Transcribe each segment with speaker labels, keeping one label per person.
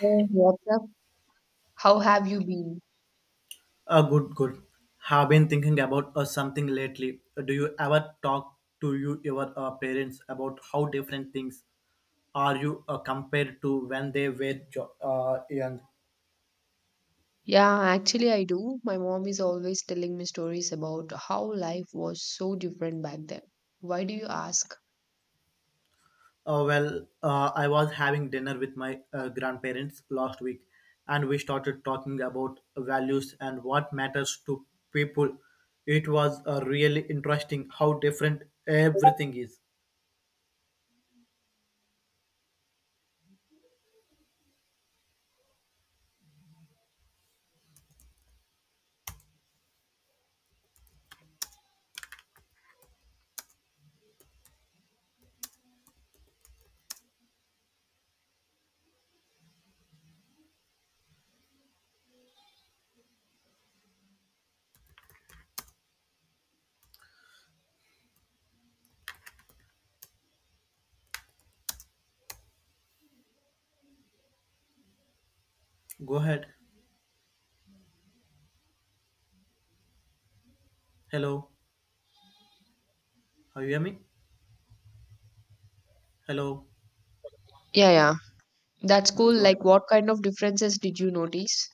Speaker 1: Oh, what's up? How have you been?
Speaker 2: Good, good. Have been thinking about something lately. Do you ever talk to your parents about how different things are you compared to when they were young?
Speaker 1: Yeah, actually, I do. My mom is always telling me stories about how life was so different back then. Why do you ask?
Speaker 2: I was having dinner with my grandparents last week, and we started talking about values and what matters to people. It was really interesting how different everything is. Go ahead. Hello. Are you hear me? Hello.
Speaker 1: Yeah, yeah. That's cool.
Speaker 2: Mm, go ahead.
Speaker 1: Like, what kind of differences did you notice?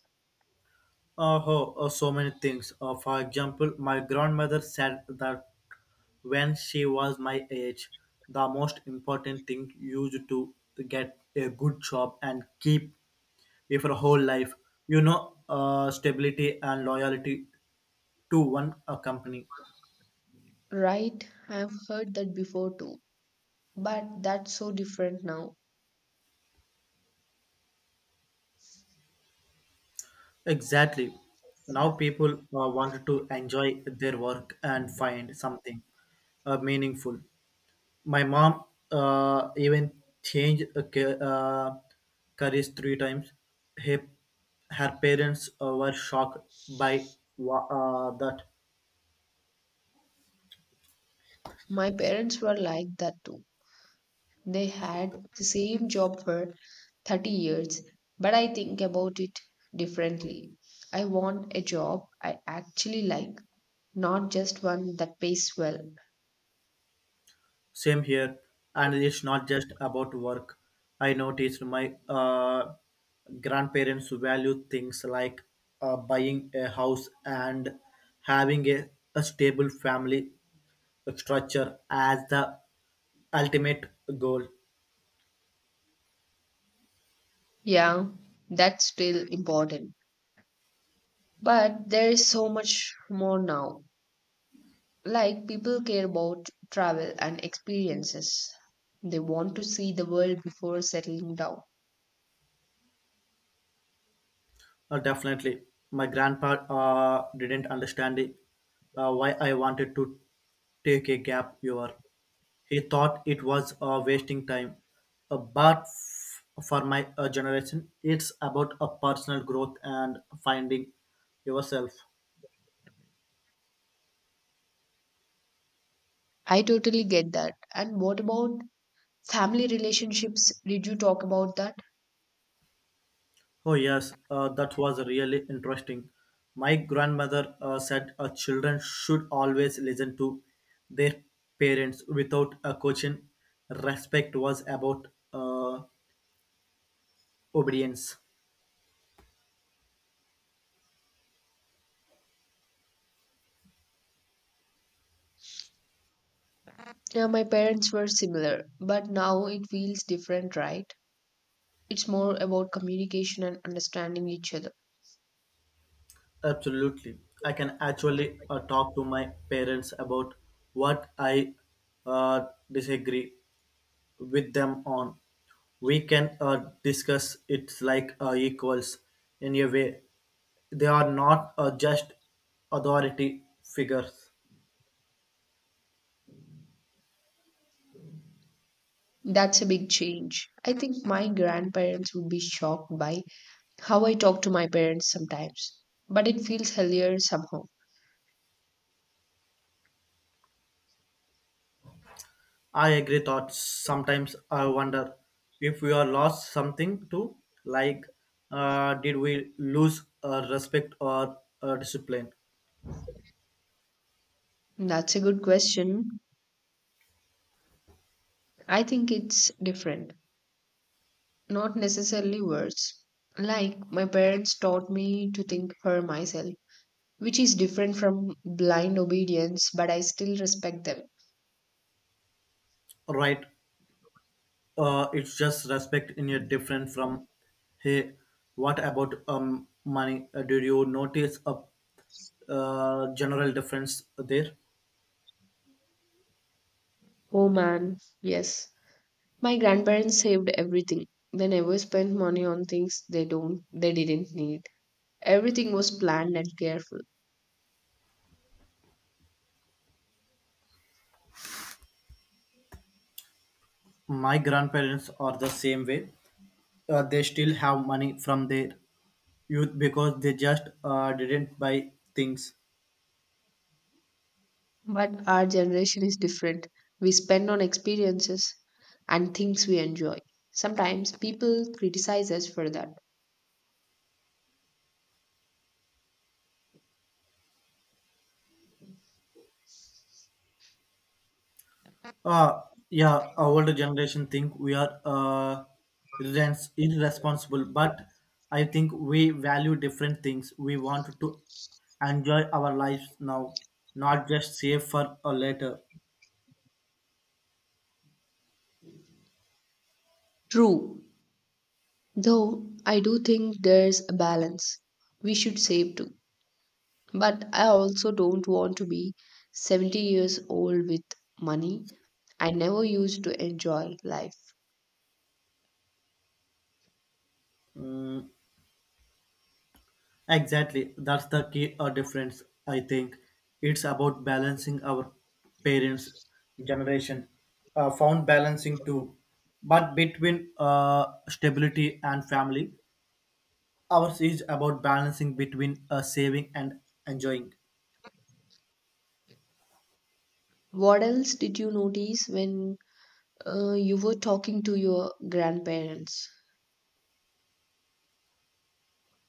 Speaker 2: Oh, so many things. For example, my grandmother said that when she was my age, the most important thing used to get a good job and keep it for whole life. Stability and loyalty to one company.
Speaker 1: Right, I've heard that before too. But that's so different now.
Speaker 2: Exactly. Now people want to enjoy their work and find something meaningful. My mom even changed careers three times. Her, her parents were shocked by that.
Speaker 1: My parents were like that too. They had the same job for 30 years, but I think about it differently. I want a job I actually like, not just one that pays well.
Speaker 2: Same here, and it's not just about work. I noticed my grandparents value things like buying a house and having a stable family structure as the ultimate goal.
Speaker 1: Yeah, that's still important. But there is so much more now. Like, people care about travel and experiences, they want to see the world before settling down.
Speaker 2: Definitely. My grandpa didn't understand it, why I wanted to take a gap year. He thought it was wasting time. But for my generation, it's about a personal growth and finding yourself.
Speaker 1: I totally get that. And what about family relationships? Did you talk about that?
Speaker 2: Oh, yes, that was really interesting. My grandmother said children should always listen to their parents without a question. Respect was about uh, Obedience.
Speaker 1: Yeah, my parents were similar, but now it feels different, right? It's more about communication and understanding each other.
Speaker 2: Absolutely. I can actually talk to my parents about what I uh, disagree with them on. We can discuss it like equals in a way. They are not just authority figures.
Speaker 1: That's a big change. I think my grandparents would be shocked by how I talk to my parents sometimes, but it feels healthier somehow.
Speaker 2: I agree thoughts. Sometimes I wonder if we are lost something too, like did we lose respect or discipline?
Speaker 1: That's a good question. I think it's different, not necessarily worse. Like, my parents taught me to think for myself, which is different from blind obedience, but I still respect them.
Speaker 2: Right. It's just respect in a different from. Hey, what about money. Did you notice a general difference there?
Speaker 1: Oh man, yes. My grandparents saved everything. They never spent money on things they didn't need. Everything was planned and careful.
Speaker 2: My grandparents are the same way. They still have money from their youth because they just didn't buy things.
Speaker 1: But our generation is different. We spend on experiences and things we enjoy. Sometimes people criticize us for that.
Speaker 2: Uh, yeah, our older generation think we are irresponsible, but I think we value different things. We want to enjoy our lives now, not just save for a later.
Speaker 1: True. Though I do think there's a balance. We should save too. But I also don't want to be 70 years old with money I never used to enjoy life.
Speaker 2: Mm, exactly, that's the key difference. I think it's about balancing our parents' generation, found balancing too, but between stability and family. Ours is about balancing between saving and enjoying.
Speaker 1: What else did you notice when you were talking to your grandparents?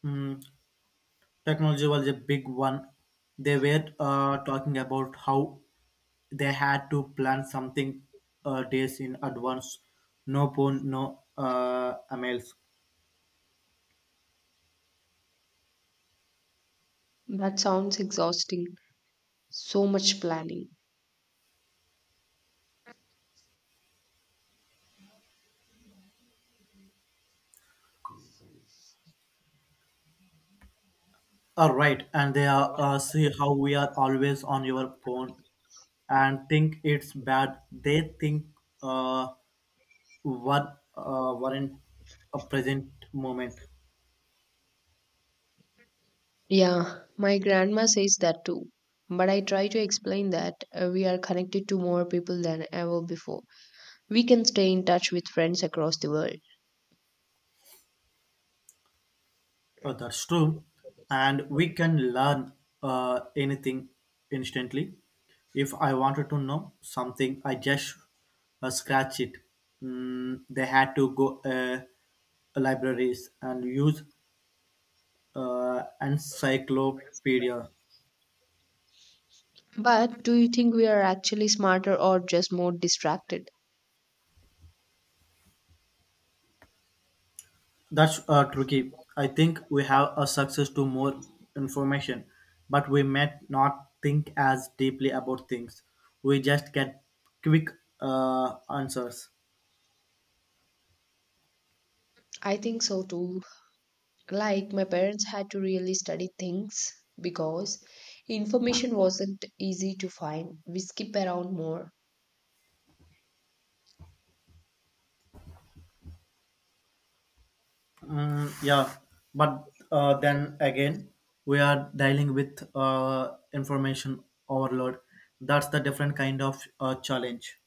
Speaker 2: Mm, technology was a big one. They were talking about how they had to plan something days in advance. No phone, no emails.
Speaker 1: That sounds exhausting. So much planning.
Speaker 2: All right, and they are, see how we are always on your phone and think it's bad. They think uh, what weren't a present moment.
Speaker 1: Yeah, my grandma says that too. But I try to explain that we are connected to more people than ever before. We can stay in touch with friends across the world.
Speaker 2: That's true. And we can learn anything instantly. If I wanted to know something, I just scratch it. Mm, they had to go libraries and use encyclopedia.
Speaker 1: But do you think we are actually smarter or just more distracted?
Speaker 2: That's tricky. I think we have a success to more information, but we may not think as deeply about things. We just get quick answers.
Speaker 1: I think so too. Like, my parents had to really study things because information wasn't easy to find. We skip around more.
Speaker 2: Mm, yeah, but then again, we are dealing with information overload. That's the different kind of challenge.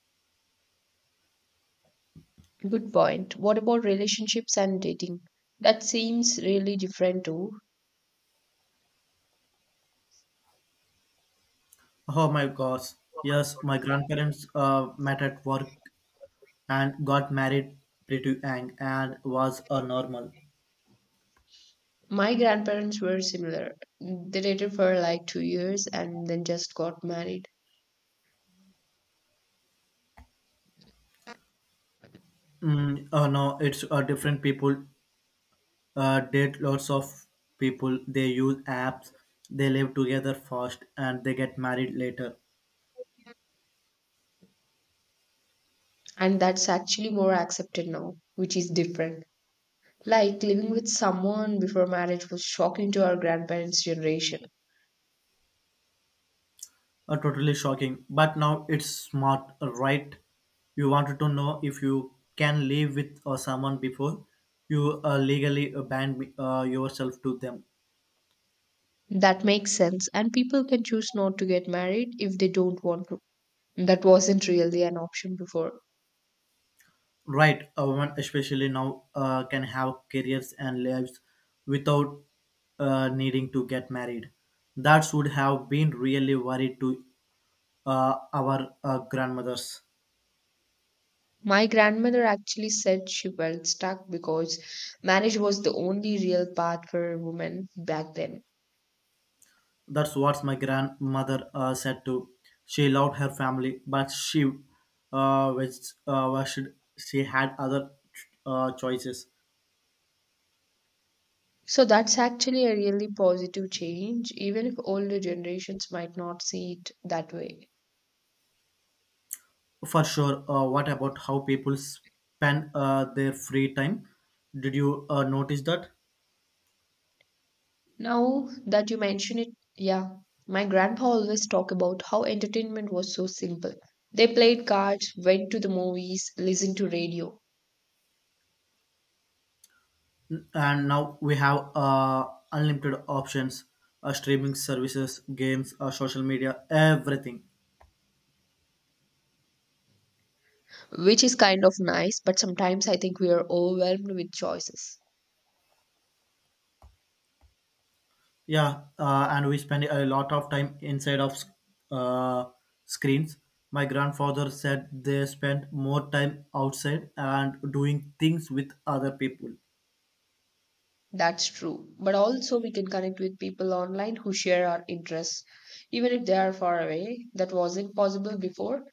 Speaker 1: Good point. What about relationships and dating? That seems really different too.
Speaker 2: Oh my gosh. Yes, my grandparents met at work and got married pretty young and was a normal.
Speaker 1: My grandparents were similar. They dated for like 2 years and then just got married.
Speaker 2: Mm, no, it's different people date lots of people. They use apps. They live together first and they get married later.
Speaker 1: And that's actually more accepted now, which is different. Like living with someone before marriage was shocking to our grandparents' generation.
Speaker 2: Totally shocking. But now it's smart, right? You wanted to know if you can live with someone before you legally yourself to them.
Speaker 1: That makes sense. And people can choose not to get married if they don't want to. That wasn't really an option before.
Speaker 2: Right, a woman, especially now, can have careers and lives without needing to get married. That would have been really worried to our grandmothers.
Speaker 1: My grandmother actually said she felt stuck because marriage was the only real path for women back then.
Speaker 2: That's what my grandmother said too. She loved her family, but she wished she had other choices.
Speaker 1: So that's actually a really positive change, even if older generations might not see it that way.
Speaker 2: For sure. What about how people spend their free time? Did you notice that?
Speaker 1: Now that you mention it, yeah, my grandpa always talk about how entertainment was so simple. They played cards, went to the movies, listened to radio,
Speaker 2: And now we have unlimited options, streaming services, games, social media, everything.
Speaker 1: which is kind of nice, but sometimes I think we are overwhelmed with choices.
Speaker 2: Yeah, and we spend a lot of time inside of uh, screens. My grandfather said they spend more time outside and doing things with other people.
Speaker 1: That's true. But also, we can connect with people online who share our interests, even if they are far away. That wasn't possible before.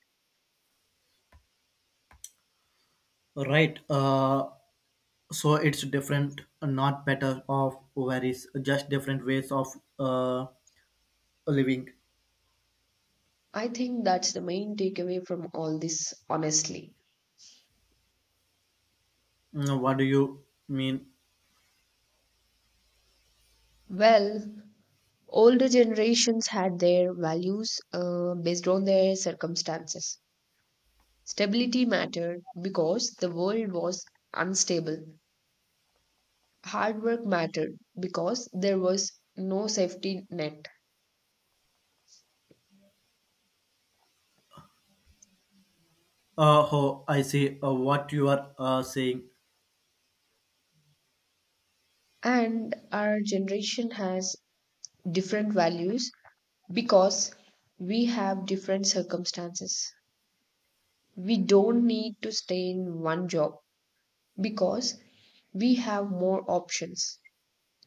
Speaker 2: Right. So it's different, not better of worries, just different ways of uh, living.
Speaker 1: I think that's the main takeaway from all this, honestly.
Speaker 2: Mm, what do you mean?
Speaker 1: Well, older generations had their values based on their circumstances. Stability mattered because the world was unstable, hard work mattered because there was no safety net.
Speaker 2: Oh, I see what you are saying.
Speaker 1: And our generation has different values because we have different circumstances. We don't need to stay in one job because we have more options.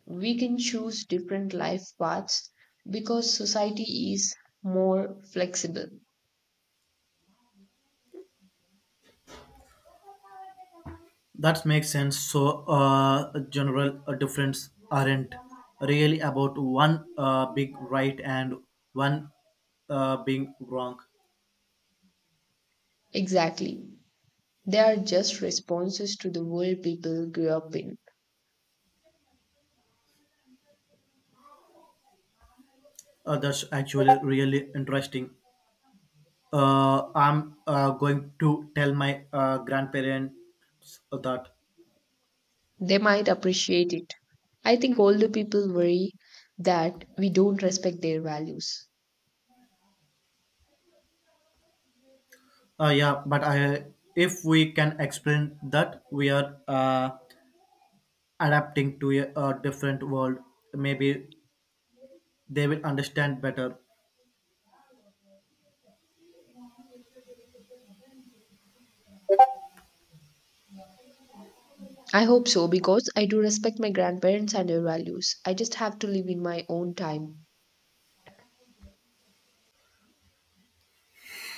Speaker 1: We can choose different life paths because society is more flexible.
Speaker 2: That makes sense. So, general difference aren't really about one being right and one being wrong.
Speaker 1: Exactly. They are just responses to the world people grew up in.
Speaker 2: That's actually really interesting. I'm going to tell my grandparents that.
Speaker 1: They might appreciate it. I think older people worry that we don't respect their values.
Speaker 2: Yeah, but I, if we can explain that we are adapting to a different world, maybe they will understand better.
Speaker 1: I hope so because I do respect my grandparents and their values. I just have to live in my own time.